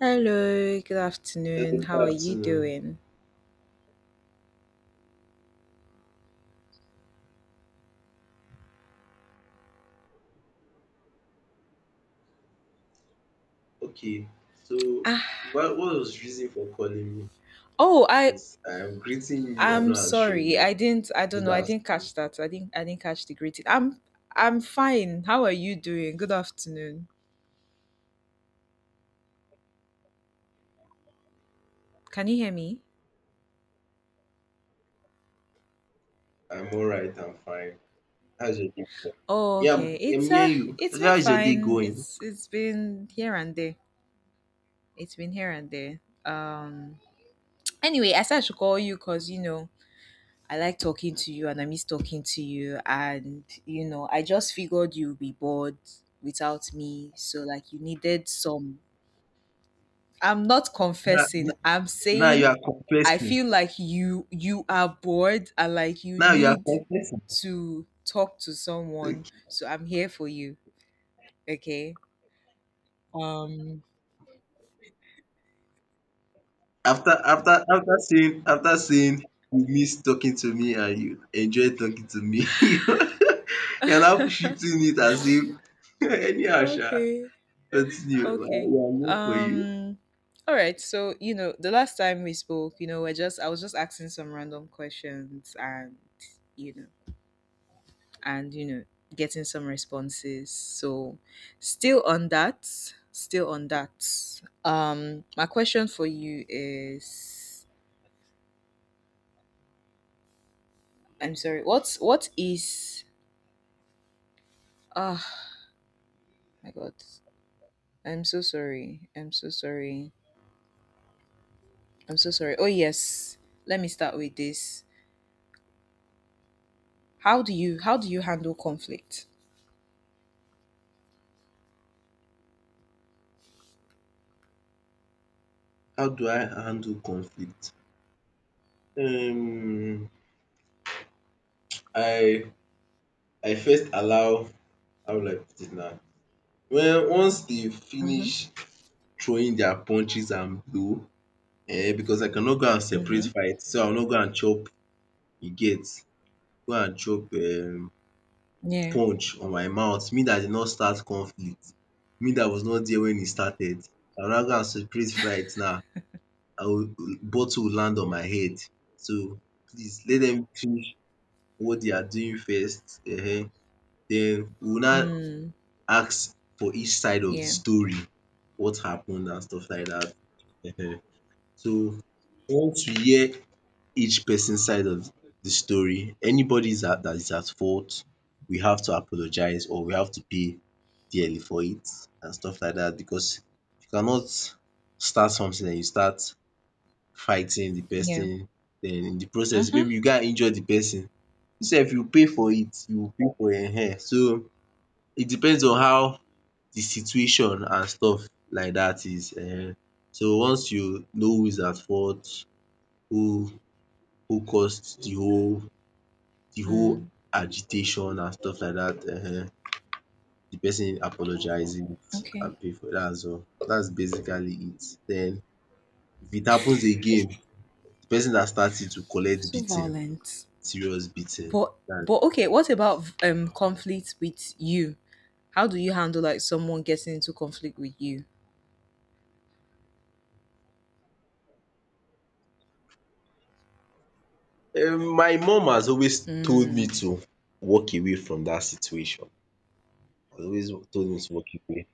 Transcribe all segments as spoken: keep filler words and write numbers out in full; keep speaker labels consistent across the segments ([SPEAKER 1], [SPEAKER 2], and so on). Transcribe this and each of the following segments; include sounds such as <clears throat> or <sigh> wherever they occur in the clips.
[SPEAKER 1] Hello, good
[SPEAKER 2] Uh,
[SPEAKER 1] afternoon.
[SPEAKER 2] Good
[SPEAKER 1] How are you
[SPEAKER 2] afternoon.
[SPEAKER 1] doing?
[SPEAKER 2] Okay, so
[SPEAKER 1] Ah,
[SPEAKER 2] what, what was the reason for calling me?
[SPEAKER 1] oh, I
[SPEAKER 2] I'm greeting you, you're
[SPEAKER 1] I'm
[SPEAKER 2] not answering
[SPEAKER 1] sorry.
[SPEAKER 2] me.
[SPEAKER 1] I didn't I don't
[SPEAKER 2] Good
[SPEAKER 1] know. I didn't
[SPEAKER 2] afternoon.
[SPEAKER 1] catch that. I didn't I didn't catch the greeting. I'm I'm fine. How are you doing? Good afternoon. Can you hear me?
[SPEAKER 2] I'm all right, I'm fine. How's your day going?
[SPEAKER 1] Oh,
[SPEAKER 2] Yeah,
[SPEAKER 1] okay.
[SPEAKER 2] I'm, I'm
[SPEAKER 1] It's uh
[SPEAKER 2] hearing you.
[SPEAKER 1] it's been
[SPEAKER 2] How's your day
[SPEAKER 1] fine.
[SPEAKER 2] going?
[SPEAKER 1] It's it's been here and there. It's been here and there. Um anyway, I said I should call you cuz you know, I like talking to you
[SPEAKER 2] Okay.
[SPEAKER 1] and I miss talking to you. And, you know, I just figured you'd be bored without me. So, like, you needed some. I'm not
[SPEAKER 2] Now,
[SPEAKER 1] confessing,
[SPEAKER 2] now,
[SPEAKER 1] I'm
[SPEAKER 2] now you
[SPEAKER 1] saying
[SPEAKER 2] are
[SPEAKER 1] I
[SPEAKER 2] confessing.
[SPEAKER 1] feel like you you are bored and like you
[SPEAKER 2] Now you are
[SPEAKER 1] need
[SPEAKER 2] confessing.
[SPEAKER 1] to talk to
[SPEAKER 2] Okay.
[SPEAKER 1] someone. So I'm here for you. Okay. Um
[SPEAKER 2] After after after saying after saying you miss talking to me and you enjoy talking to me, <laughs> you're now
[SPEAKER 1] <laughs>
[SPEAKER 2] shifting it as if <laughs> anyhow, sha.
[SPEAKER 1] okay.
[SPEAKER 2] Continue, we are
[SPEAKER 1] Okay.
[SPEAKER 2] we are here for you.
[SPEAKER 1] Um all right. So, you know, the last time we spoke, you know, we're just I was just asking some random questions, and you know, and you know, getting some responses. So, still on that, still on that. Um my question for you is, I'm sorry. What's what is Ah, My god. I'm so sorry. I'm so sorry. I'm so sorry. Oh, yes. Let me start with this. How do you how do you handle conflict?
[SPEAKER 2] How do I handle conflict? Um, I I first allow, how will I put it now? Well, once they
[SPEAKER 1] Mhm.
[SPEAKER 2] finish throwing their punches and blow, um because I cannot go and separate
[SPEAKER 1] Mhm.
[SPEAKER 2] fight, so I will not go and chop, you get, go and chop, um
[SPEAKER 1] Yeah.
[SPEAKER 2] punch on my mouth. Me that did not start conflict, me that was not there when e started, I will now go and separate fight now. I will, bottle will land on my head. So please let dem finish what they are doing first, um den we will now
[SPEAKER 1] Mm.
[SPEAKER 2] ask for each side of de
[SPEAKER 1] Yeah.
[SPEAKER 2] story, what happen and stuff like dat um. So once we hear each person side of de story, anybody dat is at fault, we have to apologize or we have to pay dearly for it and stuff like dat, because you cannot start something den you start fighting the
[SPEAKER 1] Yeah.
[SPEAKER 2] person, den in the process
[SPEAKER 1] Mhm.
[SPEAKER 2] maybe you go and injure the person, you sef you pay for it, you pay for um. So it depends on how the situation and stuff like dat is um. So once you know who is at fault, who who caused the whole the whole
[SPEAKER 1] Mm.
[SPEAKER 2] agitation and stuff like dat, um, the person apologizes
[SPEAKER 1] Okay.
[SPEAKER 2] and pay for dats all. Dats basically it. Den if it happens again, the person dat start it will collect
[SPEAKER 1] So
[SPEAKER 2] beating.
[SPEAKER 1] violent.
[SPEAKER 2] Serious beating
[SPEAKER 1] But
[SPEAKER 2] than,
[SPEAKER 1] but okay, what about um conflict with you? How do you handle, like, someone getting into conflict with you?
[SPEAKER 2] um my mom has always told me
[SPEAKER 1] Mm.
[SPEAKER 2] to walk away from that situation, has always told me to walk away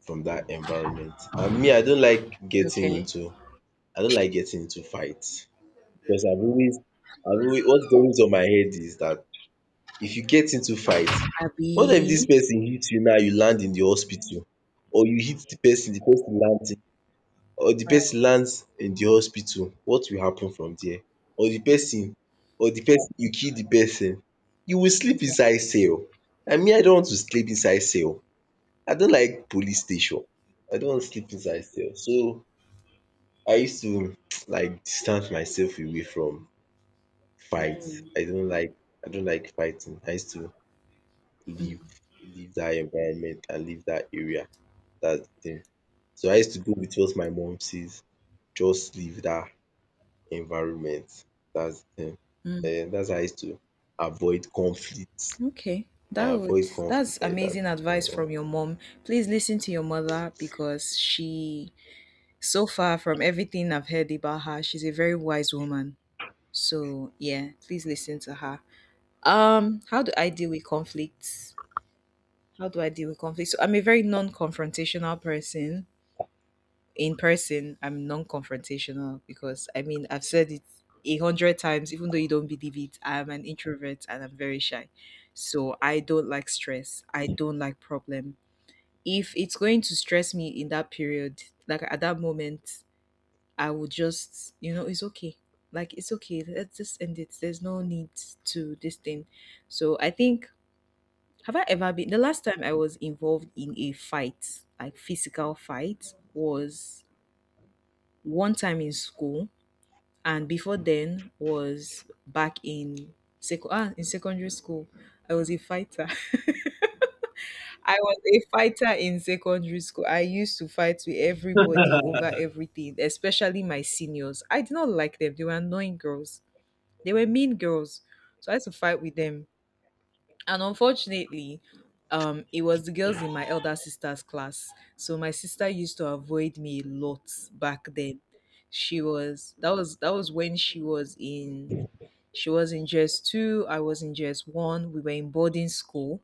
[SPEAKER 2] from that environment, and me I don't like getting
[SPEAKER 1] Okay.
[SPEAKER 2] into, I don't like getting into fights, because I've always, I've always, what's always on my head is that if you get into fight, what if this
[SPEAKER 1] Abby.
[SPEAKER 2] person hits you, now you land in the hospital, or you hit the person, the person lands, or the
[SPEAKER 1] Right.
[SPEAKER 2] person lands in the hospital, what will happen from there? Or the person, or the person you kill the person, you will sleep
[SPEAKER 1] Yeah.
[SPEAKER 2] inside cell, and me I don't want to sleep inside cell. I don't like police station, I don't want to sleep inside cell. So I used to <tsk> like distance myself away from fight.
[SPEAKER 1] Mm.
[SPEAKER 2] I don't like, I don't like fighting. I used to leave,
[SPEAKER 1] Mm.
[SPEAKER 2] leave that environment and leave that area. Dats the thing. So I used to go with what my mom says, just leave that environment. That's um
[SPEAKER 1] Mm.
[SPEAKER 2] um that's how I used to avoid conflict.
[SPEAKER 1] Okay.
[SPEAKER 2] I
[SPEAKER 1] That would
[SPEAKER 2] avoid
[SPEAKER 1] that's
[SPEAKER 2] conflict like that.
[SPEAKER 1] amazing advice
[SPEAKER 2] um
[SPEAKER 1] from your mom. Please listen to your mother, because she so far from everything I've heard about her, she's a very wise woman. So yeah, please listen to her. Um, how do I deal with conflicts? How do I deal with conflicts? So I'm a very non-confrontational person. In person, I'm non-confrontational, because I mean I've said it a hundred times, even though you don't believe it. I'm an introvert and I'm very shy. So I don't like stress. I don't like problem. If it's going to stress me in that period, like at that moment, I would just, you know, it's okay. Like, it's okay. Let's just end it. There's no need to this thing. So I think, have I ever been the last time I was involved in a fight, like physical fight, was one time in school, and before then was back in sec- ah, in secondary school. I was a fighter. <laughs> I was a fighter in secondary school. I used to fight with everybody over everything, especially my seniors. I did not like them. They were annoying girls. They were mean girls. So I had to fight with them, and unfortunately um it was the girls in my elder sister's class, so my sister used to avoid me a lot back then. She was that was That was when she was in she was in J S two. I was in J S one. We were in boarding school.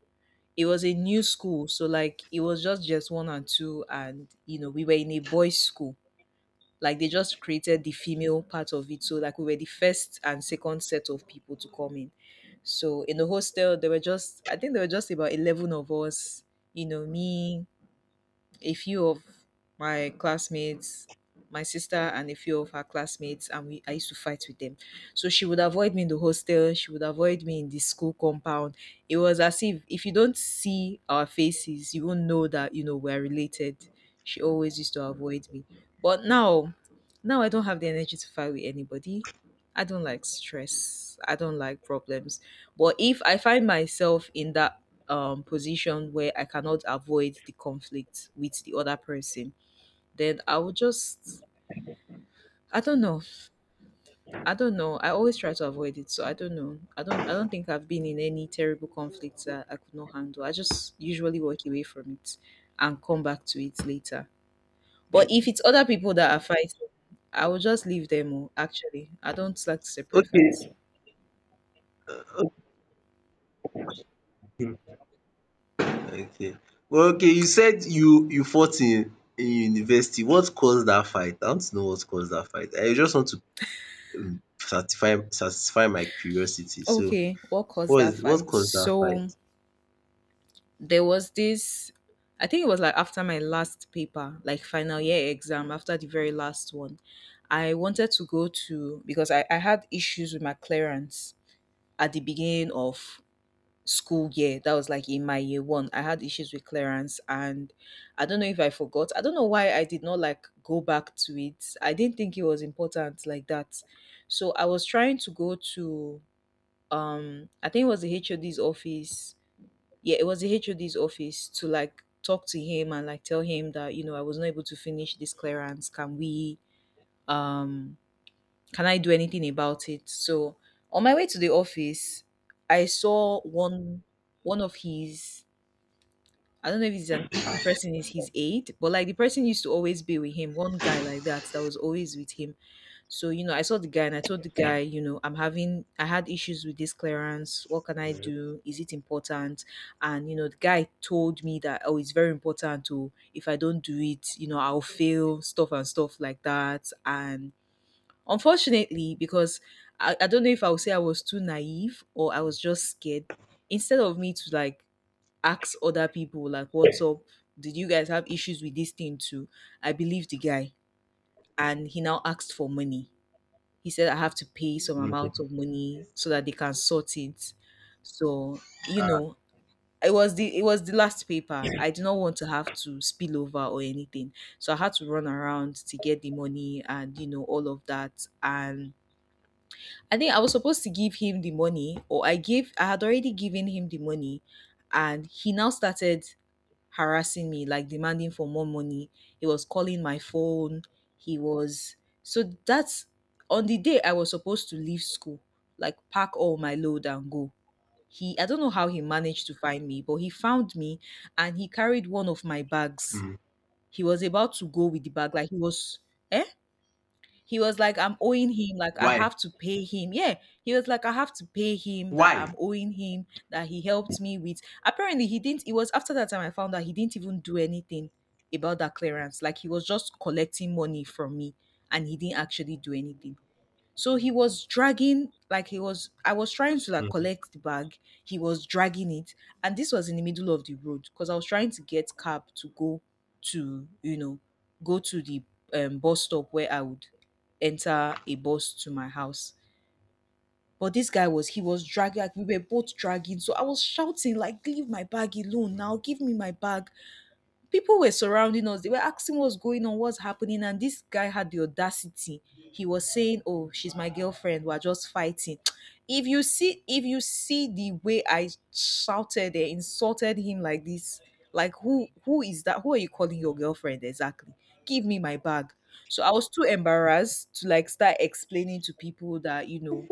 [SPEAKER 1] It was a new school, so like it was just J S one and two, and you know we were in a boys school. Like, they just created the female part of it. So like we were the first and second set of people to come in. So in the hostel, there were just I think there were just about eleven of us, you know, me, a few of my classmates, my sister and a few of her classmates, and we I used to fight with them. So she would avoid me in the hostel, she would avoid me in the school compound. It was as if if you don't see our faces, you won't know that you know we're related. She always used to avoid me. But now, now I don't have the energy to fight with anybody. I don't like stress. I don't like problems. But if I find myself in that um, position where I cannot avoid the conflict with the other person, then I will just, I don't know. I don't know. I always try to avoid it, so I don't know. I don't. I don't think I've been in any terrible conflicts that I could not handle. I just usually walk away from it and come back to it later. But if it's other people that are fighting, I will just leave them. oh, Actually, I don't like to separate fights.
[SPEAKER 2] Okay, okay, okay. Well, okay, you said you you fought in in university. What caused that fight? I want to know what caused that fight. I just want to um satisfy satisfy my curiosity. So,
[SPEAKER 1] Okay, what caused
[SPEAKER 2] what
[SPEAKER 1] that
[SPEAKER 2] is, what
[SPEAKER 1] fight?
[SPEAKER 2] caused that fight?
[SPEAKER 1] So there was this I think it was like after my last paper, like final year exam, after the very last one. I wanted to go to Because i, I had issues with my clearance at the beginning of school year. That was like in my year one. I had issues with clearance, and I don't know if I forgot. I don't know why I did not like go back to it. I didn't think it was important like that. So I was trying to go to, um I think it was the hod's office. Yeah, it was the H O D's office, to like talk to him and like tell him that, you know, I was not able to finish this clearance. Can we um can I do anything about it? So on my way to the office, I saw one one of his, I don't know if it's an, if the person is his aide, but like the person used to always be with him, one guy like that that was always with him. So, you know, I saw the guy and I told the guy, you know, I'm having, I had issues with this clearance. What can I do? Is it important? And, you know, the guy told me that, oh, it's very important to, if I don't do it, you know, I'll fail, stuff and stuff like that. And unfortunately, because I, I don't know if I would say I was too naive or I was just scared, instead of me to like ask other people, like, what's up? Did you guys have issues with this thing too? I believe the guy. And he now asked for money. He said I have to pay some
[SPEAKER 2] Mm,
[SPEAKER 1] amount of money so that they can sort it. So, you
[SPEAKER 2] ah,
[SPEAKER 1] know, it was the it was the last paper. I did not want to have to spill over or anything. So I had to run around to get the money, and you know all of that. And I think I was supposed to give him the money, or I gave I had already given him the money, and he now started harassing me, like demanding for more money. He was calling my phone. He was, so that's on the day I was supposed to leave school, like pack all my load and go. He I don't know how he managed to find me, but he found me, and he carried one of my bags.
[SPEAKER 2] mm.
[SPEAKER 1] He was about to go with the bag, like he was eh? He was like, I'm owing him, like, I
[SPEAKER 2] Why?
[SPEAKER 1] have to pay him. Yeah. He was like, I have to pay him, that
[SPEAKER 2] Why?
[SPEAKER 1] I'm owing him, that he helped me with. Apparently, he didn't. It was after that time I found out he didn't even do anything about that clearance. Like, he was just collecting money from me, and he didn't actually do anything. So he was dragging, like he was, I was trying to like
[SPEAKER 2] Mm,
[SPEAKER 1] collect the bag. He was dragging it. And this was in the middle of the road, because I was trying to get cab to go to, you know, go to the um, bus stop where I would enter a bus to my house. But this guy was, he was dragging, like we were both dragging. So I was shouting, like, leave my bag alone now, give
[SPEAKER 2] mhm.
[SPEAKER 1] me my bag. People were surrounding us. They were asking what's going on, what's happening. And this guy had the audacity. He was saying, "Oh, she's my girlfriend. We're just fighting." <tsk> If you see, if you see the way I shouted and insulted him like this, like who who is that? Who are you calling your girlfriend exactly? Give me my bag. So I was too embarrassed to like start explaining to people that, you know,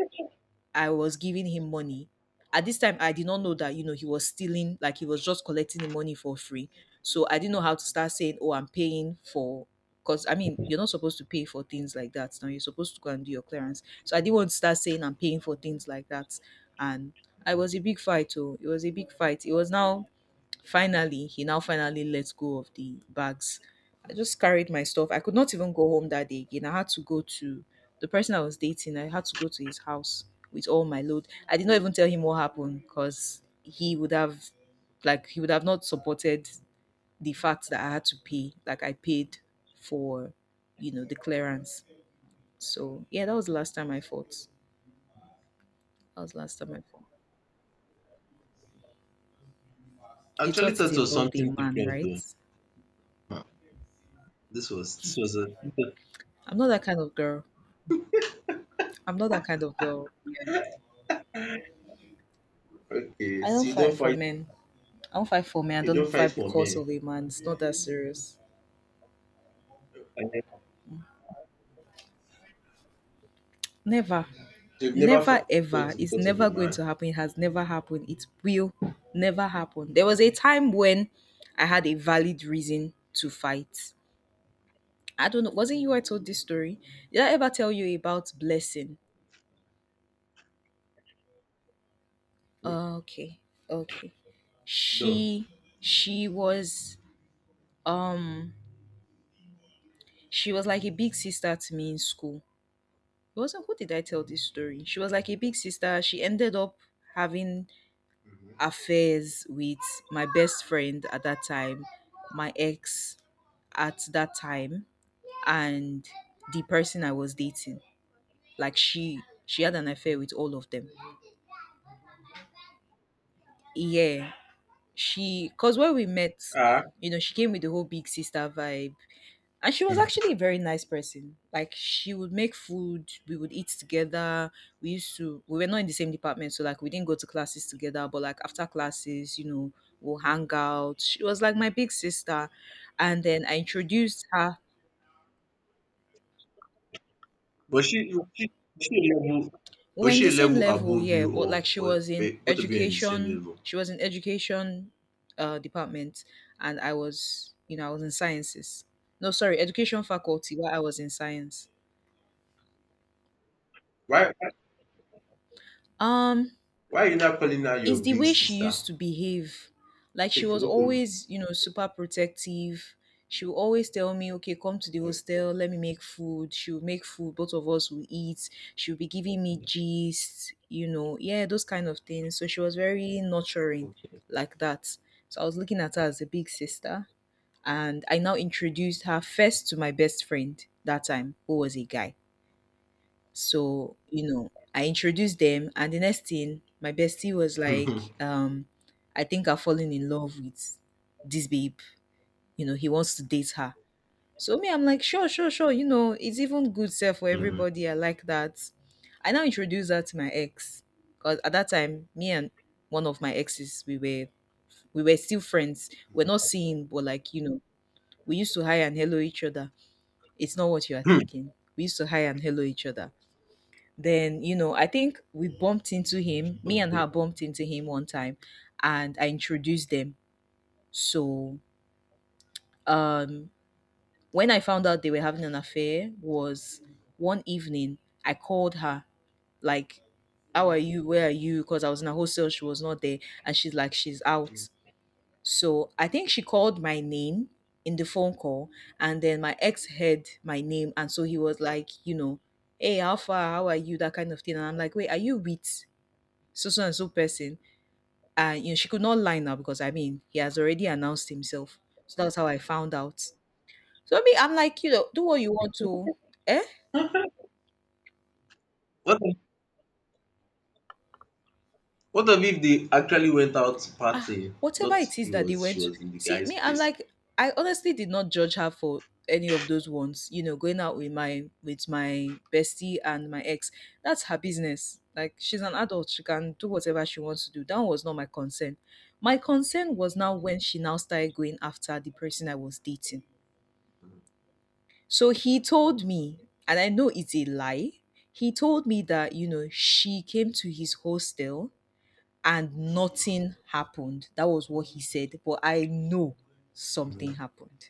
[SPEAKER 1] I was giving him money. At this time, I did not know that you know he was stealing, like he was just collecting the money for free. So I didn't know how to start saying, "Oh, I'm paying for." Because I mean, you're not supposed to pay for things like that. Now you're supposed to go and do your clearance. So I didn't want to start saying I'm paying for things like that, and I was a big fight. Oh, it was a big fight. It was now Finally, he now finally let go of the bags. I just carried my stuff. I could not even go home that day again. I had to go to the person I was dating. I had to go to his house with all my load. I did not even tell him what happened because he would have, like, he would have not supported the fact that I had to pay. Like, I paid for, you know, the clearance. So, yeah, that was the last time I fought. That was the last time I fought. You
[SPEAKER 2] Actually
[SPEAKER 1] thought it
[SPEAKER 2] thought it was
[SPEAKER 1] involved a
[SPEAKER 2] something
[SPEAKER 1] man,
[SPEAKER 2] different though.
[SPEAKER 1] right?
[SPEAKER 2] Huh. This was this was a
[SPEAKER 1] I'm not that kind of girl. I'm not that kind of girl. Yeah.
[SPEAKER 2] okay,
[SPEAKER 1] I
[SPEAKER 2] so
[SPEAKER 1] don't
[SPEAKER 2] you
[SPEAKER 1] fight
[SPEAKER 2] don't
[SPEAKER 1] for
[SPEAKER 2] fight,
[SPEAKER 1] men. I don't fight for men. I
[SPEAKER 2] you don't
[SPEAKER 1] don't
[SPEAKER 2] fight
[SPEAKER 1] fight
[SPEAKER 2] for
[SPEAKER 1] because
[SPEAKER 2] men?
[SPEAKER 1] of a man. It's not that serious.
[SPEAKER 2] I never,
[SPEAKER 1] Never.
[SPEAKER 2] so you've never
[SPEAKER 1] Never
[SPEAKER 2] fou
[SPEAKER 1] ever.
[SPEAKER 2] fought
[SPEAKER 1] It's
[SPEAKER 2] because of
[SPEAKER 1] never
[SPEAKER 2] a
[SPEAKER 1] going
[SPEAKER 2] man?
[SPEAKER 1] to happen. It has never happened. It will never happen. There was a time when I had a valid reason to fight. I don't know. Wasn't you I told this story? Did I ever tell you about blessing? Oh, okay. Okay.
[SPEAKER 2] No.
[SPEAKER 1] She she was um she was like a big sister to me in school. I was also, who did I tell this story? She was like a big sister. She ended up having
[SPEAKER 2] Mhm.
[SPEAKER 1] affairs with my best friend at that time, my ex at that time, and the person I was dating. Like she she had an affair with all of them. Yeah. She cause when we met,
[SPEAKER 2] Ah,
[SPEAKER 1] you know, she came with the whole big sister vibe. And she was actually a very nice person. Like she would make food, we would eat together. We used to We were not in the same department, so like we didn't go to classes together, but like after classes, you know, we'll hang out. She was like my big sister. And then I introduced her.
[SPEAKER 2] but she was she she, a level,
[SPEAKER 1] We were
[SPEAKER 2] was
[SPEAKER 1] in
[SPEAKER 2] she
[SPEAKER 1] the
[SPEAKER 2] a
[SPEAKER 1] same
[SPEAKER 2] level
[SPEAKER 1] level,
[SPEAKER 2] above
[SPEAKER 1] yeah,
[SPEAKER 2] you
[SPEAKER 1] but
[SPEAKER 2] or
[SPEAKER 1] like she
[SPEAKER 2] or
[SPEAKER 1] was in
[SPEAKER 2] wait, both of you are in the same
[SPEAKER 1] education,
[SPEAKER 2] level?
[SPEAKER 1] she was in education uh department and I was, you know, I was in sciences. No, sorry, education faculty while I was in science.
[SPEAKER 2] Why why
[SPEAKER 1] Um
[SPEAKER 2] are you not calling her your
[SPEAKER 1] It's the
[SPEAKER 2] big
[SPEAKER 1] way she
[SPEAKER 2] sister?
[SPEAKER 1] used
[SPEAKER 2] <laughs>
[SPEAKER 1] to behave. Like she
[SPEAKER 2] If you
[SPEAKER 1] was
[SPEAKER 2] both
[SPEAKER 1] always, you know, super protective. She would always tell me, okay, come to the
[SPEAKER 2] of
[SPEAKER 1] hostel, let me make food. She would make food, both of us would eat. She would be giving me gist, you know, yeah, those kind of things. So she was very nurturing like that. So I was looking at her as a big sister. And I now introduced her first to my best friend that time, who was a guy. So, you know, I introduced them, and the next thing, my bestie was like,
[SPEAKER 2] <laughs>
[SPEAKER 1] um, I think I've fallen in love with this babe. You know, he wants to date her. So me, I'm like, sure, sure, sure. You know, it's even good self for
[SPEAKER 2] mhm.
[SPEAKER 1] everybody. I like that. I now introduced her to my ex, because at that time, me and one of my exes, we were we were still friends. We're not seeing, but like you know, we used to hi and hello each other. It's not what you are
[SPEAKER 2] Hmm,
[SPEAKER 1] thinking. We used to hi and hello each other, then you know, I think we bumped into him me and her
[SPEAKER 2] okay.
[SPEAKER 1] bumped into him one time and I introduced them. So um when I found out they were having an affair was one evening, I called her, like, how are you, where are you? Because I was in a hostel, she was not there and she's like she's out. So I think she called my name in the phone call, and then my ex heard my name and so he was like, you know, hey, how far, how are you, that kind of thing. And I'm like, wait, are you with so so and so person? And you know, she could not lie now because I mean he has already announced himself. So that's how I found out. So I mean I'm like, you know, do what you want to, eh?
[SPEAKER 2] What if, what if if they actually went out
[SPEAKER 1] Ah,
[SPEAKER 2] partying,
[SPEAKER 1] whatever
[SPEAKER 2] not
[SPEAKER 1] it is
[SPEAKER 2] he
[SPEAKER 1] that they
[SPEAKER 2] was,
[SPEAKER 1] went
[SPEAKER 2] she
[SPEAKER 1] to.
[SPEAKER 2] was in the
[SPEAKER 1] See,
[SPEAKER 2] guy's
[SPEAKER 1] me, I'm
[SPEAKER 2] place?
[SPEAKER 1] like, I honestly did not judge her for any of those ones, you know, going out with my with my bestie and my ex. That's her business. Like she's an adult, she can do whatever she wants to do. That was not my concern. My concern was now when she now started going after the person I was dating. So he told me, and I know it's a lie, he told me that, you know, she came to his hostel and nothing happened. That was what he said. But I know
[SPEAKER 2] Mhm.
[SPEAKER 1] something happened.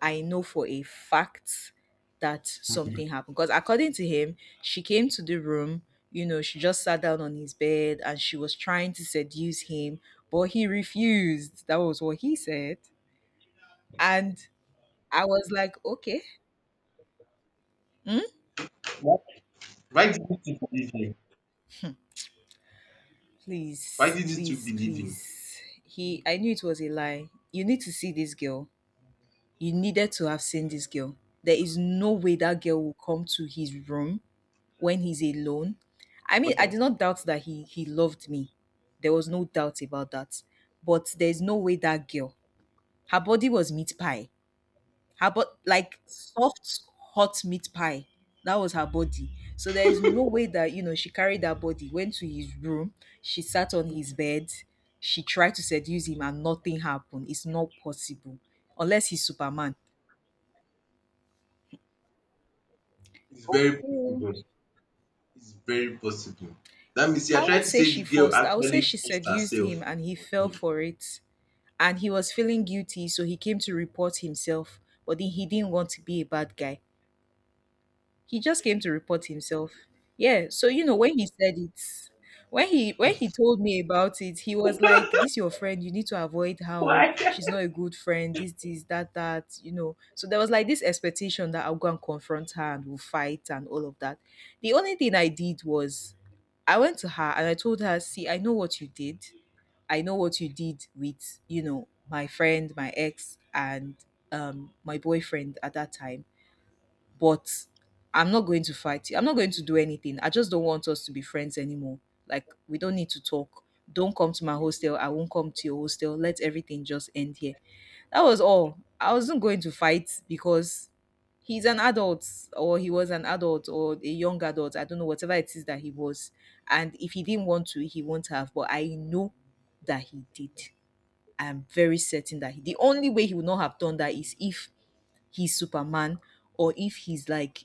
[SPEAKER 1] I know for a fact that something happened. Because according to him, she came to the room, you know, she just sat down on his bed and she was trying to seduce him, but he refused. That was what he said. And I was like, okay. Hmm,
[SPEAKER 2] Why why do you still believe him? Why
[SPEAKER 1] please,
[SPEAKER 2] didn't you
[SPEAKER 1] please,
[SPEAKER 2] believe him?
[SPEAKER 1] please. He I knew it was a lie. You need to see this girl. You needed to have seen this girl. There is no way that girl will come to his room when he's alone. I mean, I did
[SPEAKER 2] Okay,
[SPEAKER 1] not doubt that he he loved me. There was no doubt about that. But there's no way that girl. Her body was meat pie, her but like soft hot meat pie. That was her body. So there is no way that you know she carried that body, went to his room, she sat on his bed, she tried to seduce him and nothing happened. It's not possible. Unless he's Superman.
[SPEAKER 2] it's very
[SPEAKER 1] Okay.
[SPEAKER 2] possible. It's very possible. That means you are
[SPEAKER 1] I won't
[SPEAKER 2] trying to
[SPEAKER 1] say
[SPEAKER 2] say the
[SPEAKER 1] she
[SPEAKER 2] girl
[SPEAKER 1] forced. I would say
[SPEAKER 2] actually
[SPEAKER 1] she
[SPEAKER 2] forced
[SPEAKER 1] seduced him
[SPEAKER 2] herself
[SPEAKER 1] and he
[SPEAKER 2] on
[SPEAKER 1] fell
[SPEAKER 2] him.
[SPEAKER 1] for it. And he was feeling guilty, so he came to report himself. But then he didn't want to be a bad guy. He just came to report himself. Yeah. So you know when he said it, when he when he told me about it, he was like, "This your friend. You need to avoid her. Oh.
[SPEAKER 2] Why?
[SPEAKER 1] She's not a good friend. This this that that. You know." So there was like this expectation that I'll go and confront her and we'll fight and all of that. The only thing I did was I went to her and I told her, "See, I know what you did. I know what you did with, you know, my friend, my ex, and um, my boyfriend at that time. But I'm not going to fight you. I'm not going to do anything. I just don't want us to be friends anymore. Like, we don't need to talk. Don't come to my hostel. I won't come to your hostel. Let everything just end here. That was all. I wasn't going to fight because he's an adult or he was an adult or a young adult. I don't know, whatever it is that he was. And if he didn't want to, he won't have. But I know that he did. I am very certain that he, the only way he would not have done that is if he's Superman or if he's like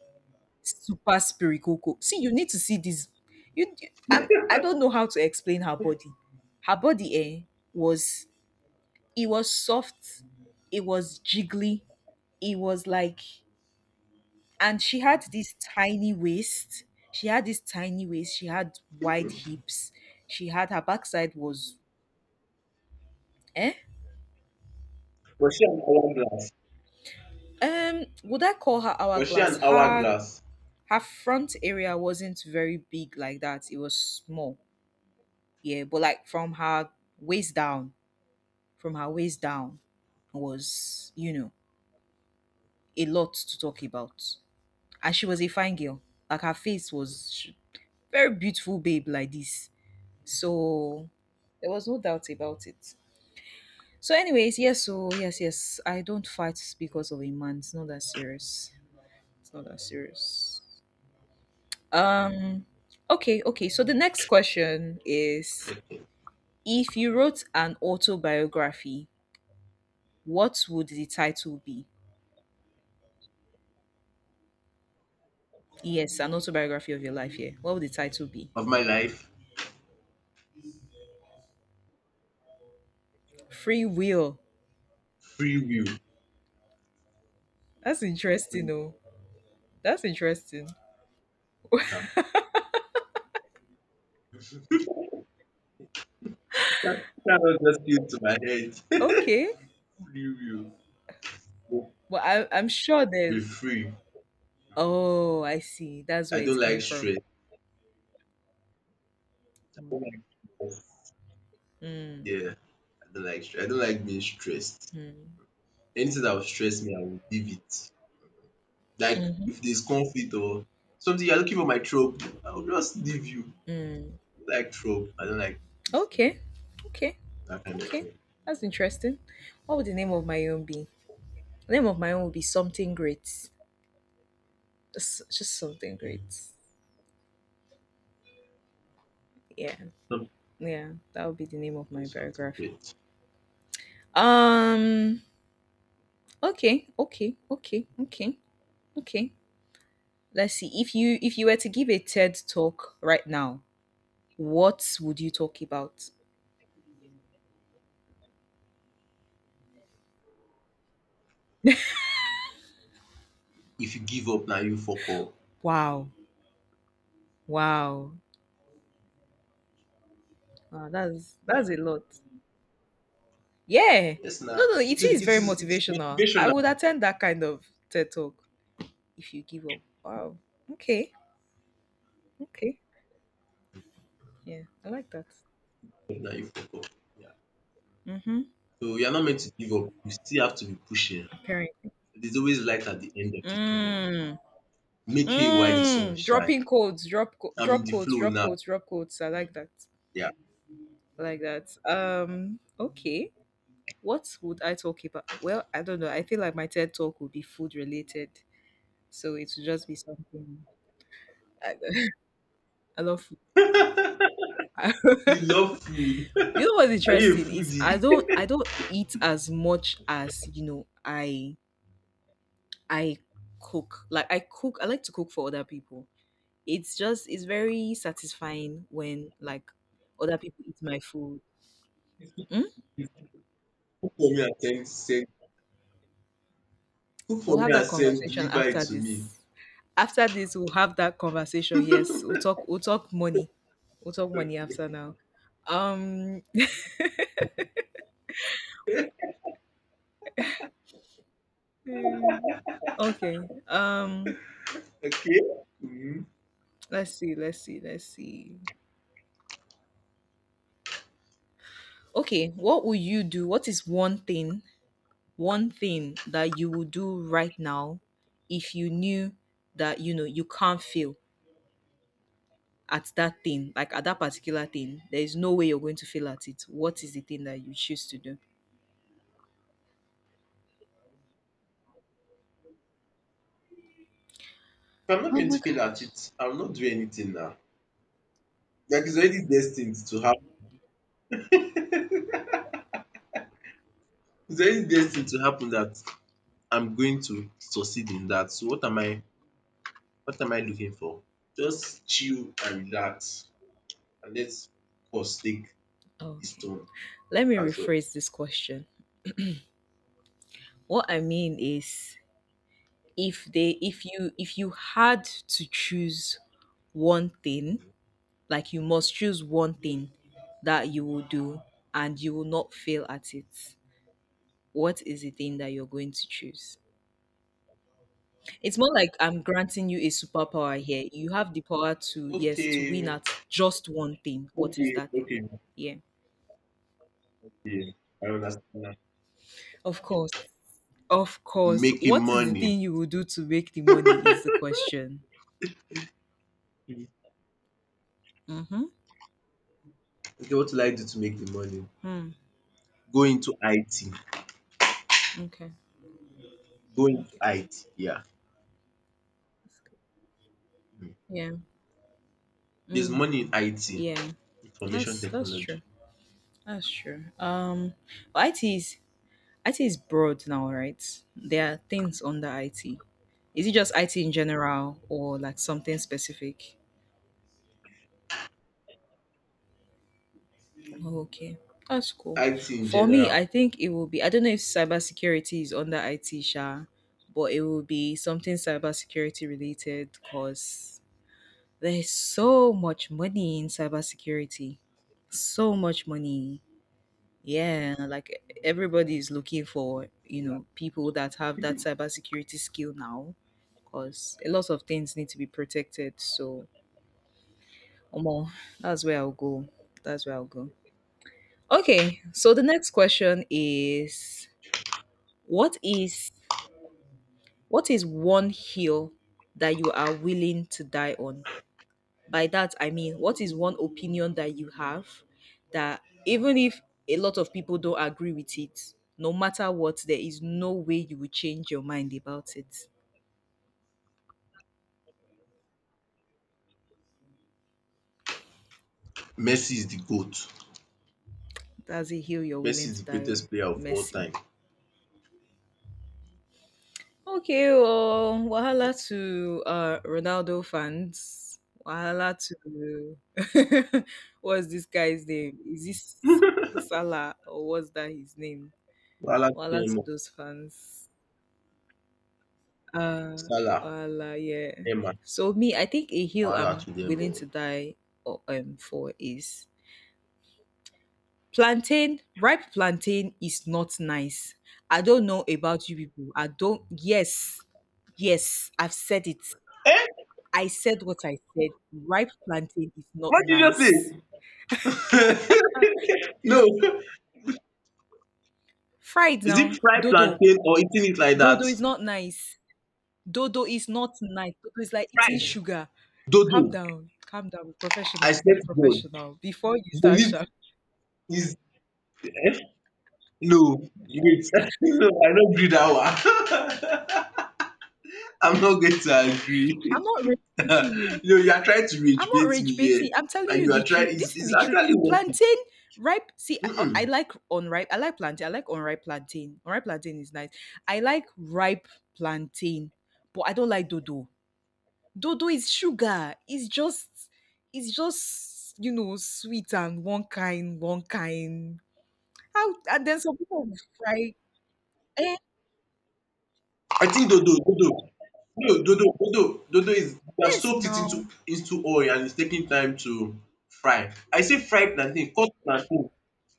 [SPEAKER 1] super spirikoko. See, you need to see this. You, you- I, I don't know how to explain her body. Her body, eh, was, it was soft, it was jiggly, it was like, and she had this tiny waist. She had this tiny waist. She had wide hips. She had, her backside was, eh,
[SPEAKER 2] Was she an hourglass?
[SPEAKER 1] um, would I call her
[SPEAKER 2] Was she
[SPEAKER 1] hourglass?
[SPEAKER 2] an
[SPEAKER 1] Her
[SPEAKER 2] hourglass
[SPEAKER 1] her front area wasn't very big like that. It was small, yeah. But like from her waist down, from her waist down was, you know, a lot to talk about. And she was a fine girl. Like her face was sh- very beautiful, babe, like this. So there was no doubt about it. So, anyways, yes, so yes, yes, I don't fight because of a man. It's not that serious. It's not that serious. Um, okay, okay. So the next question is: if you wrote an autobiography, what would the title be? Yes, an autobiography of your life. Yeah. What would the title be?
[SPEAKER 2] of my life?
[SPEAKER 1] Free Will.
[SPEAKER 2] Free will.
[SPEAKER 1] That's
[SPEAKER 2] Free
[SPEAKER 1] interesting,
[SPEAKER 2] will.
[SPEAKER 1] though. That's interesting.
[SPEAKER 2] Yeah. You can't, cannot just use to my head.
[SPEAKER 1] Okay.
[SPEAKER 2] <laughs> free will.
[SPEAKER 1] Well, I, I'm sure
[SPEAKER 2] Be
[SPEAKER 1] there's.
[SPEAKER 2] free. Mm.
[SPEAKER 1] Oh, I see. That's where
[SPEAKER 2] I
[SPEAKER 1] it
[SPEAKER 2] don't
[SPEAKER 1] came
[SPEAKER 2] like
[SPEAKER 1] from.
[SPEAKER 2] stress. I don't like stress.
[SPEAKER 1] Mm,
[SPEAKER 2] Yeah, I don't like stress. I don't like being stressed.
[SPEAKER 1] mm,
[SPEAKER 2] Anything that will stress me, I will leave it. Like
[SPEAKER 1] mhm,
[SPEAKER 2] if there's conflict or something you're looking for my trope, I'll just leave you.
[SPEAKER 1] mm.
[SPEAKER 2] I don't like trope. I don't like this thing,
[SPEAKER 1] Okay. Okay.
[SPEAKER 2] that kind of
[SPEAKER 1] Okay.
[SPEAKER 2] thing.
[SPEAKER 1] That's interesting. What would the name of my own be? The name of my own would be Something Great. Just, just something great. Yeah.
[SPEAKER 2] Some
[SPEAKER 1] Yeah. That would be the name of
[SPEAKER 2] get
[SPEAKER 1] my
[SPEAKER 2] something
[SPEAKER 1] biography.
[SPEAKER 2] but
[SPEAKER 1] Um. Okay, okay, okay, okay, okay. Let's see. If you if you were to give a TED talk right now, what would you talk about?
[SPEAKER 2] if you give up now you fuck up.
[SPEAKER 1] Wow, wow, wow, that's that's
[SPEAKER 2] Yeah.
[SPEAKER 1] a lot. Yeah,
[SPEAKER 2] Yes
[SPEAKER 1] no,
[SPEAKER 2] now.
[SPEAKER 1] no, it
[SPEAKER 2] It is
[SPEAKER 1] is
[SPEAKER 2] it
[SPEAKER 1] very
[SPEAKER 2] is it is
[SPEAKER 1] motivational. I
[SPEAKER 2] motivational,
[SPEAKER 1] would attend that kind of TED talk if you give up. Wow. Okay, okay, yeah, I like that.
[SPEAKER 2] now you fuck up. Yeah.
[SPEAKER 1] Mm-hmm.
[SPEAKER 2] So you're not meant to give up. You still have to be pushing.
[SPEAKER 1] Parent.
[SPEAKER 2] There's always light at the end of the tunnel.
[SPEAKER 1] Mm.
[SPEAKER 2] Make hay while the sun
[SPEAKER 1] Mm.
[SPEAKER 2] shine.
[SPEAKER 1] Dropping codes, drop co-
[SPEAKER 2] I'm in
[SPEAKER 1] drop
[SPEAKER 2] the
[SPEAKER 1] codes,
[SPEAKER 2] flow
[SPEAKER 1] drop
[SPEAKER 2] now.
[SPEAKER 1] codes, drop codes. I like that.
[SPEAKER 2] Yeah.
[SPEAKER 1] Like that. Um, okay. What would I talk about? Well, I don't know. I feel like my TED talk would be food related, so it would just be something. I, <laughs> I love food.
[SPEAKER 2] <laughs> You
[SPEAKER 1] <laughs>
[SPEAKER 2] love food.
[SPEAKER 1] You know what's
[SPEAKER 2] Are you a
[SPEAKER 1] interesting is I
[SPEAKER 2] foodie?
[SPEAKER 1] don't I don't eat as much as you know I I cook. Like I cook. I like to cook for other people. It's just it's very satisfying when like other people eat my food. Hmm?
[SPEAKER 2] <laughs> for me at ten, cook
[SPEAKER 1] We'll
[SPEAKER 2] for me
[SPEAKER 1] have
[SPEAKER 2] and
[SPEAKER 1] that
[SPEAKER 2] send,
[SPEAKER 1] conversation
[SPEAKER 2] deliver it
[SPEAKER 1] after
[SPEAKER 2] to me.
[SPEAKER 1] this. After this, we'll have that conversation. Yes, we'll
[SPEAKER 2] <laughs>
[SPEAKER 1] talk. We'll talk money. We'll talk money after
[SPEAKER 2] Okay.
[SPEAKER 1] now. Um.
[SPEAKER 2] <laughs>
[SPEAKER 1] mm, Okay. Um.
[SPEAKER 2] Okay. Mhm. If
[SPEAKER 1] Let's see. Let's see. Let's see. Okay. What will you do? What is one thing? One thing that you would do right now, if you knew that you know you can't fail at that thing, like at that particular thing. There is no way you're going to fail at it. What is the thing that you choose to do?
[SPEAKER 2] I'm not
[SPEAKER 1] Oh
[SPEAKER 2] going
[SPEAKER 1] my
[SPEAKER 2] to fail
[SPEAKER 1] god.
[SPEAKER 2] at it, I will not do anything now. Like it's already destined to happen. It's already destined to happen that I'm going to succeed in that. So what am I, what am I looking for? Just chill and relax and let us course take its
[SPEAKER 1] Okay.
[SPEAKER 2] turn.
[SPEAKER 1] Let me
[SPEAKER 2] That's all.
[SPEAKER 1] rephrase this question. What I mean is if they if you if you had to choose one thing, like you must choose one thing that you will do and you will not fail at it. What is the thing that you're going to choose? It's more like I'm granting you a superpower here. You have the power to yes, to win
[SPEAKER 2] Okay.
[SPEAKER 1] at just one thing. What is
[SPEAKER 2] Okay.
[SPEAKER 1] that thing?
[SPEAKER 2] Okay.
[SPEAKER 1] Yeah.
[SPEAKER 2] Okay. I understand now.
[SPEAKER 1] Of course. Of course.
[SPEAKER 2] Making
[SPEAKER 1] What is the
[SPEAKER 2] money.
[SPEAKER 1] thing you will do to make the money is the question. Mm-hmm.
[SPEAKER 2] Okay, what will I do to make the money?
[SPEAKER 1] Mm.
[SPEAKER 2] Go into I T.
[SPEAKER 1] Okay.
[SPEAKER 2] Going to
[SPEAKER 1] Okay.
[SPEAKER 2] I T, yeah.
[SPEAKER 1] That's good.
[SPEAKER 2] Mhm.
[SPEAKER 1] Yeah.
[SPEAKER 2] There's
[SPEAKER 1] Mm.
[SPEAKER 2] money in I T,
[SPEAKER 1] Yeah.
[SPEAKER 2] information
[SPEAKER 1] That's that's
[SPEAKER 2] technology.
[SPEAKER 1] true. That's true. Um, but I T is I T is broad now, right? There are things under I T. Is it just I T in general or like something specific? Okay, that's cool.
[SPEAKER 2] I T in
[SPEAKER 1] For me, I
[SPEAKER 2] general,
[SPEAKER 1] think it will be. I don't know if cybersecurity is under I T, Sha, but it will be something cybersecurity related because there's so much money in cybersecurity. So much money. Yeah, like everybody is looking for, you
[SPEAKER 2] yeah.
[SPEAKER 1] know, people that have that cybersecurity skill now because a lot of things need to be protected. So, Omo, that's where I'll go. That's where I'll go. Okay, so the next question is what is what is one hill that you are willing to die on? By that, I mean, what is one opinion that you have that even if a lot of people don't agree with it, no matter what, there is no way you will change your mind about it?
[SPEAKER 2] Messi is the GOAT.
[SPEAKER 1] That's a hill you're
[SPEAKER 2] Messi
[SPEAKER 1] willing
[SPEAKER 2] is
[SPEAKER 1] to
[SPEAKER 2] the
[SPEAKER 1] die on.
[SPEAKER 2] greatest player of all
[SPEAKER 1] Messi.
[SPEAKER 2] time.
[SPEAKER 1] Okay, well,
[SPEAKER 2] Yeah.
[SPEAKER 1] wahala to uh, Ronaldo fans. Wahala to <laughs> what's this guy's name? Is this Salah or what's that his name?
[SPEAKER 2] Wahala to
[SPEAKER 1] Wahala
[SPEAKER 2] them
[SPEAKER 1] to
[SPEAKER 2] oo.
[SPEAKER 1] those fans. Uh,
[SPEAKER 2] Salah,
[SPEAKER 1] voila, yeah.
[SPEAKER 2] Neymar,
[SPEAKER 1] So me, I think a hill
[SPEAKER 2] wahala
[SPEAKER 1] I'm
[SPEAKER 2] to them
[SPEAKER 1] willing
[SPEAKER 2] oo.
[SPEAKER 1] to die o- um for is plantain. Ripe plantain is not nice. I don't know about you people. I don't. Yes, yes, I've said it.
[SPEAKER 2] Eh?
[SPEAKER 1] I said what I said. Ripe plantain is not
[SPEAKER 2] What did you
[SPEAKER 1] nice.
[SPEAKER 2] just say? <laughs> No.
[SPEAKER 1] Fried
[SPEAKER 2] Is
[SPEAKER 1] now,
[SPEAKER 2] it fried
[SPEAKER 1] dodo.
[SPEAKER 2] plantain or eating it like
[SPEAKER 1] Dodo
[SPEAKER 2] that?
[SPEAKER 1] is not nice. Dodo is not nice. Dodo is like eating
[SPEAKER 2] Fried.
[SPEAKER 1] sugar.
[SPEAKER 2] Dodo.
[SPEAKER 1] Calm down, calm down, be
[SPEAKER 2] I
[SPEAKER 1] professional,
[SPEAKER 2] said
[SPEAKER 1] be
[SPEAKER 2] to,
[SPEAKER 1] professional before you start
[SPEAKER 2] is it,
[SPEAKER 1] shouting.
[SPEAKER 2] is, eh? No. Wait. <laughs> No, I don't gree that one. <laughs> I'm not going to
[SPEAKER 1] I'm
[SPEAKER 2] agree.
[SPEAKER 1] not rage
[SPEAKER 2] <laughs> No,
[SPEAKER 1] baiting you.
[SPEAKER 2] you are trying to
[SPEAKER 1] I'm
[SPEAKER 2] rage
[SPEAKER 1] not
[SPEAKER 2] bait me
[SPEAKER 1] rage
[SPEAKER 2] here
[SPEAKER 1] baiting. I'm telling
[SPEAKER 2] and
[SPEAKER 1] you
[SPEAKER 2] you are
[SPEAKER 1] the
[SPEAKER 2] trying,
[SPEAKER 1] truth.
[SPEAKER 2] it's
[SPEAKER 1] This is
[SPEAKER 2] it's
[SPEAKER 1] the truth.
[SPEAKER 2] actually working.
[SPEAKER 1] Plantain ripe. See, I, I
[SPEAKER 2] Mm-mm.
[SPEAKER 1] like unripe. I like plantain. I like unripe plantain. Unripe plantain is nice. I like ripe plantain, but I don't like dodo. Dodo is sugar. It's just, it's just you know sweet and one kind, one kind. How and then some people fry. Eh,
[SPEAKER 2] I think dodo dodo no dodo dodo dodo is, you have
[SPEAKER 1] yes,
[SPEAKER 2] soaked it
[SPEAKER 1] now
[SPEAKER 2] into into oil and it's taking time to fry. I say fry plantain, cut plantain,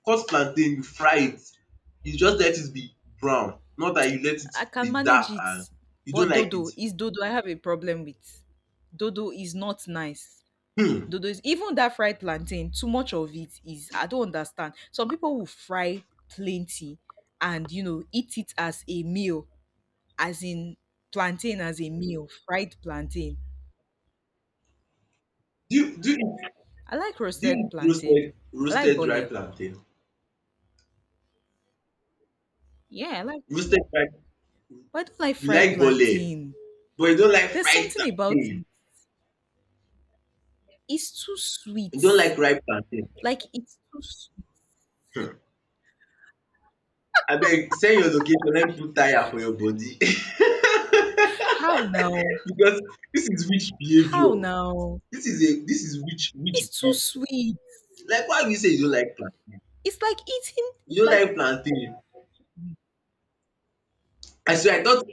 [SPEAKER 2] cut plantain, you fry it. You just let it be brown, not that you let it
[SPEAKER 1] I can
[SPEAKER 2] be
[SPEAKER 1] manage
[SPEAKER 2] dark
[SPEAKER 1] it.
[SPEAKER 2] and you don't
[SPEAKER 1] But
[SPEAKER 2] like it.
[SPEAKER 1] dodo is dodo. I have a problem with. Dodo is not nice.
[SPEAKER 2] Hmm.
[SPEAKER 1] Dodo is even that fried plantain. Too much of it is. I don't understand. Some people will fry plenty, and you know eat it as a meal, as in plantain as a meal, fried plantain.
[SPEAKER 2] Do you do you
[SPEAKER 1] I like
[SPEAKER 2] do you
[SPEAKER 1] roasted
[SPEAKER 2] eat
[SPEAKER 1] plantain.
[SPEAKER 2] roasted
[SPEAKER 1] I like
[SPEAKER 2] roasted dry
[SPEAKER 1] bole.
[SPEAKER 2] plantain?
[SPEAKER 1] Yeah, I like
[SPEAKER 2] Roasted
[SPEAKER 1] bole.
[SPEAKER 2] dry,
[SPEAKER 1] But I don't like
[SPEAKER 2] you
[SPEAKER 1] fried
[SPEAKER 2] like bole
[SPEAKER 1] plantain.
[SPEAKER 2] but you don't like
[SPEAKER 1] There's
[SPEAKER 2] fried
[SPEAKER 1] something about
[SPEAKER 2] plantain.
[SPEAKER 1] it. It's too
[SPEAKER 2] You don't
[SPEAKER 1] sweet.
[SPEAKER 2] like ripe plantain.
[SPEAKER 1] Like it's too sweet.
[SPEAKER 2] um Abeg send your location let me put tire for your body <laughs>
[SPEAKER 1] How now?
[SPEAKER 2] because this is witch
[SPEAKER 1] How
[SPEAKER 2] behaviour.
[SPEAKER 1] now?
[SPEAKER 2] This is a, this is witch witch
[SPEAKER 1] It's too
[SPEAKER 2] behaviour.
[SPEAKER 1] sweet.
[SPEAKER 2] Like why you say you don't like plantain?
[SPEAKER 1] It's like eating
[SPEAKER 2] You
[SPEAKER 1] it's
[SPEAKER 2] don't
[SPEAKER 1] like
[SPEAKER 2] like plantain? I swear I thought,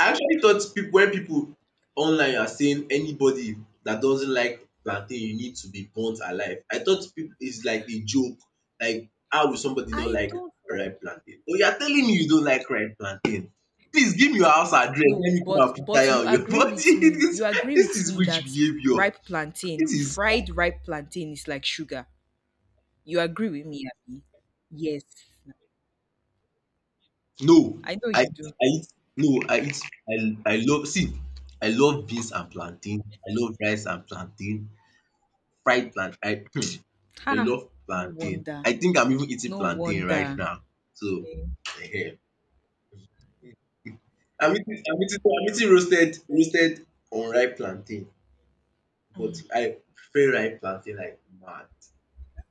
[SPEAKER 2] I actually thought people, when people online are saying anybody that doesn't like plantain you need to be burnt alive, I thought people, is like a joke. Like how will somebody not
[SPEAKER 1] I
[SPEAKER 2] like
[SPEAKER 1] don't like
[SPEAKER 2] ripe plantain? But you are telling me you don't like ripe plantain. Please give me your house address. Let
[SPEAKER 1] no,
[SPEAKER 2] me come
[SPEAKER 1] but
[SPEAKER 2] and put
[SPEAKER 1] but
[SPEAKER 2] tire
[SPEAKER 1] you
[SPEAKER 2] on your
[SPEAKER 1] agree
[SPEAKER 2] body. <laughs>
[SPEAKER 1] with me.
[SPEAKER 2] This
[SPEAKER 1] You agree
[SPEAKER 2] this
[SPEAKER 1] with
[SPEAKER 2] is
[SPEAKER 1] me
[SPEAKER 2] which
[SPEAKER 1] that
[SPEAKER 2] behaviour?
[SPEAKER 1] ripe plantain,
[SPEAKER 2] This is
[SPEAKER 1] fried ripe plantain is like sugar. You agree with me, Abby? Yes.
[SPEAKER 2] no.
[SPEAKER 1] I know
[SPEAKER 2] I
[SPEAKER 1] you do.
[SPEAKER 2] I eat no I eat I I love see I love beans and plantain. I love rice and plantain. Fried plant, I <clears throat>
[SPEAKER 1] Ha,
[SPEAKER 2] I love
[SPEAKER 1] no
[SPEAKER 2] plantain.
[SPEAKER 1] wonder.
[SPEAKER 2] I think I'm even eating
[SPEAKER 1] No
[SPEAKER 2] plantain right
[SPEAKER 1] wonder.
[SPEAKER 2] now. So ehen, I'm eating I'm eating I'm eating roasted, roasted unripe plantain, but I prefer ripe plantain like mad.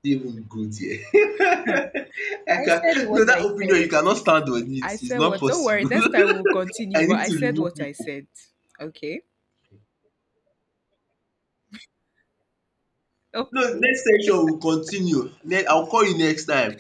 [SPEAKER 2] E dey even good here. <laughs> I
[SPEAKER 1] I
[SPEAKER 2] can,
[SPEAKER 1] said what
[SPEAKER 2] no that
[SPEAKER 1] I
[SPEAKER 2] opinion
[SPEAKER 1] said.
[SPEAKER 2] you cannot stand on it.
[SPEAKER 1] I
[SPEAKER 2] It's
[SPEAKER 1] said
[SPEAKER 2] not
[SPEAKER 1] what? Don't worry,
[SPEAKER 2] possible.
[SPEAKER 1] next time we'll
[SPEAKER 2] <laughs>
[SPEAKER 1] continue,
[SPEAKER 2] I
[SPEAKER 1] but
[SPEAKER 2] need
[SPEAKER 1] I
[SPEAKER 2] to
[SPEAKER 1] said
[SPEAKER 2] remove
[SPEAKER 1] what
[SPEAKER 2] you.
[SPEAKER 1] I said. Okay.
[SPEAKER 2] No,
[SPEAKER 1] Okay.
[SPEAKER 2] next section we continue. Ne I'll call you next time.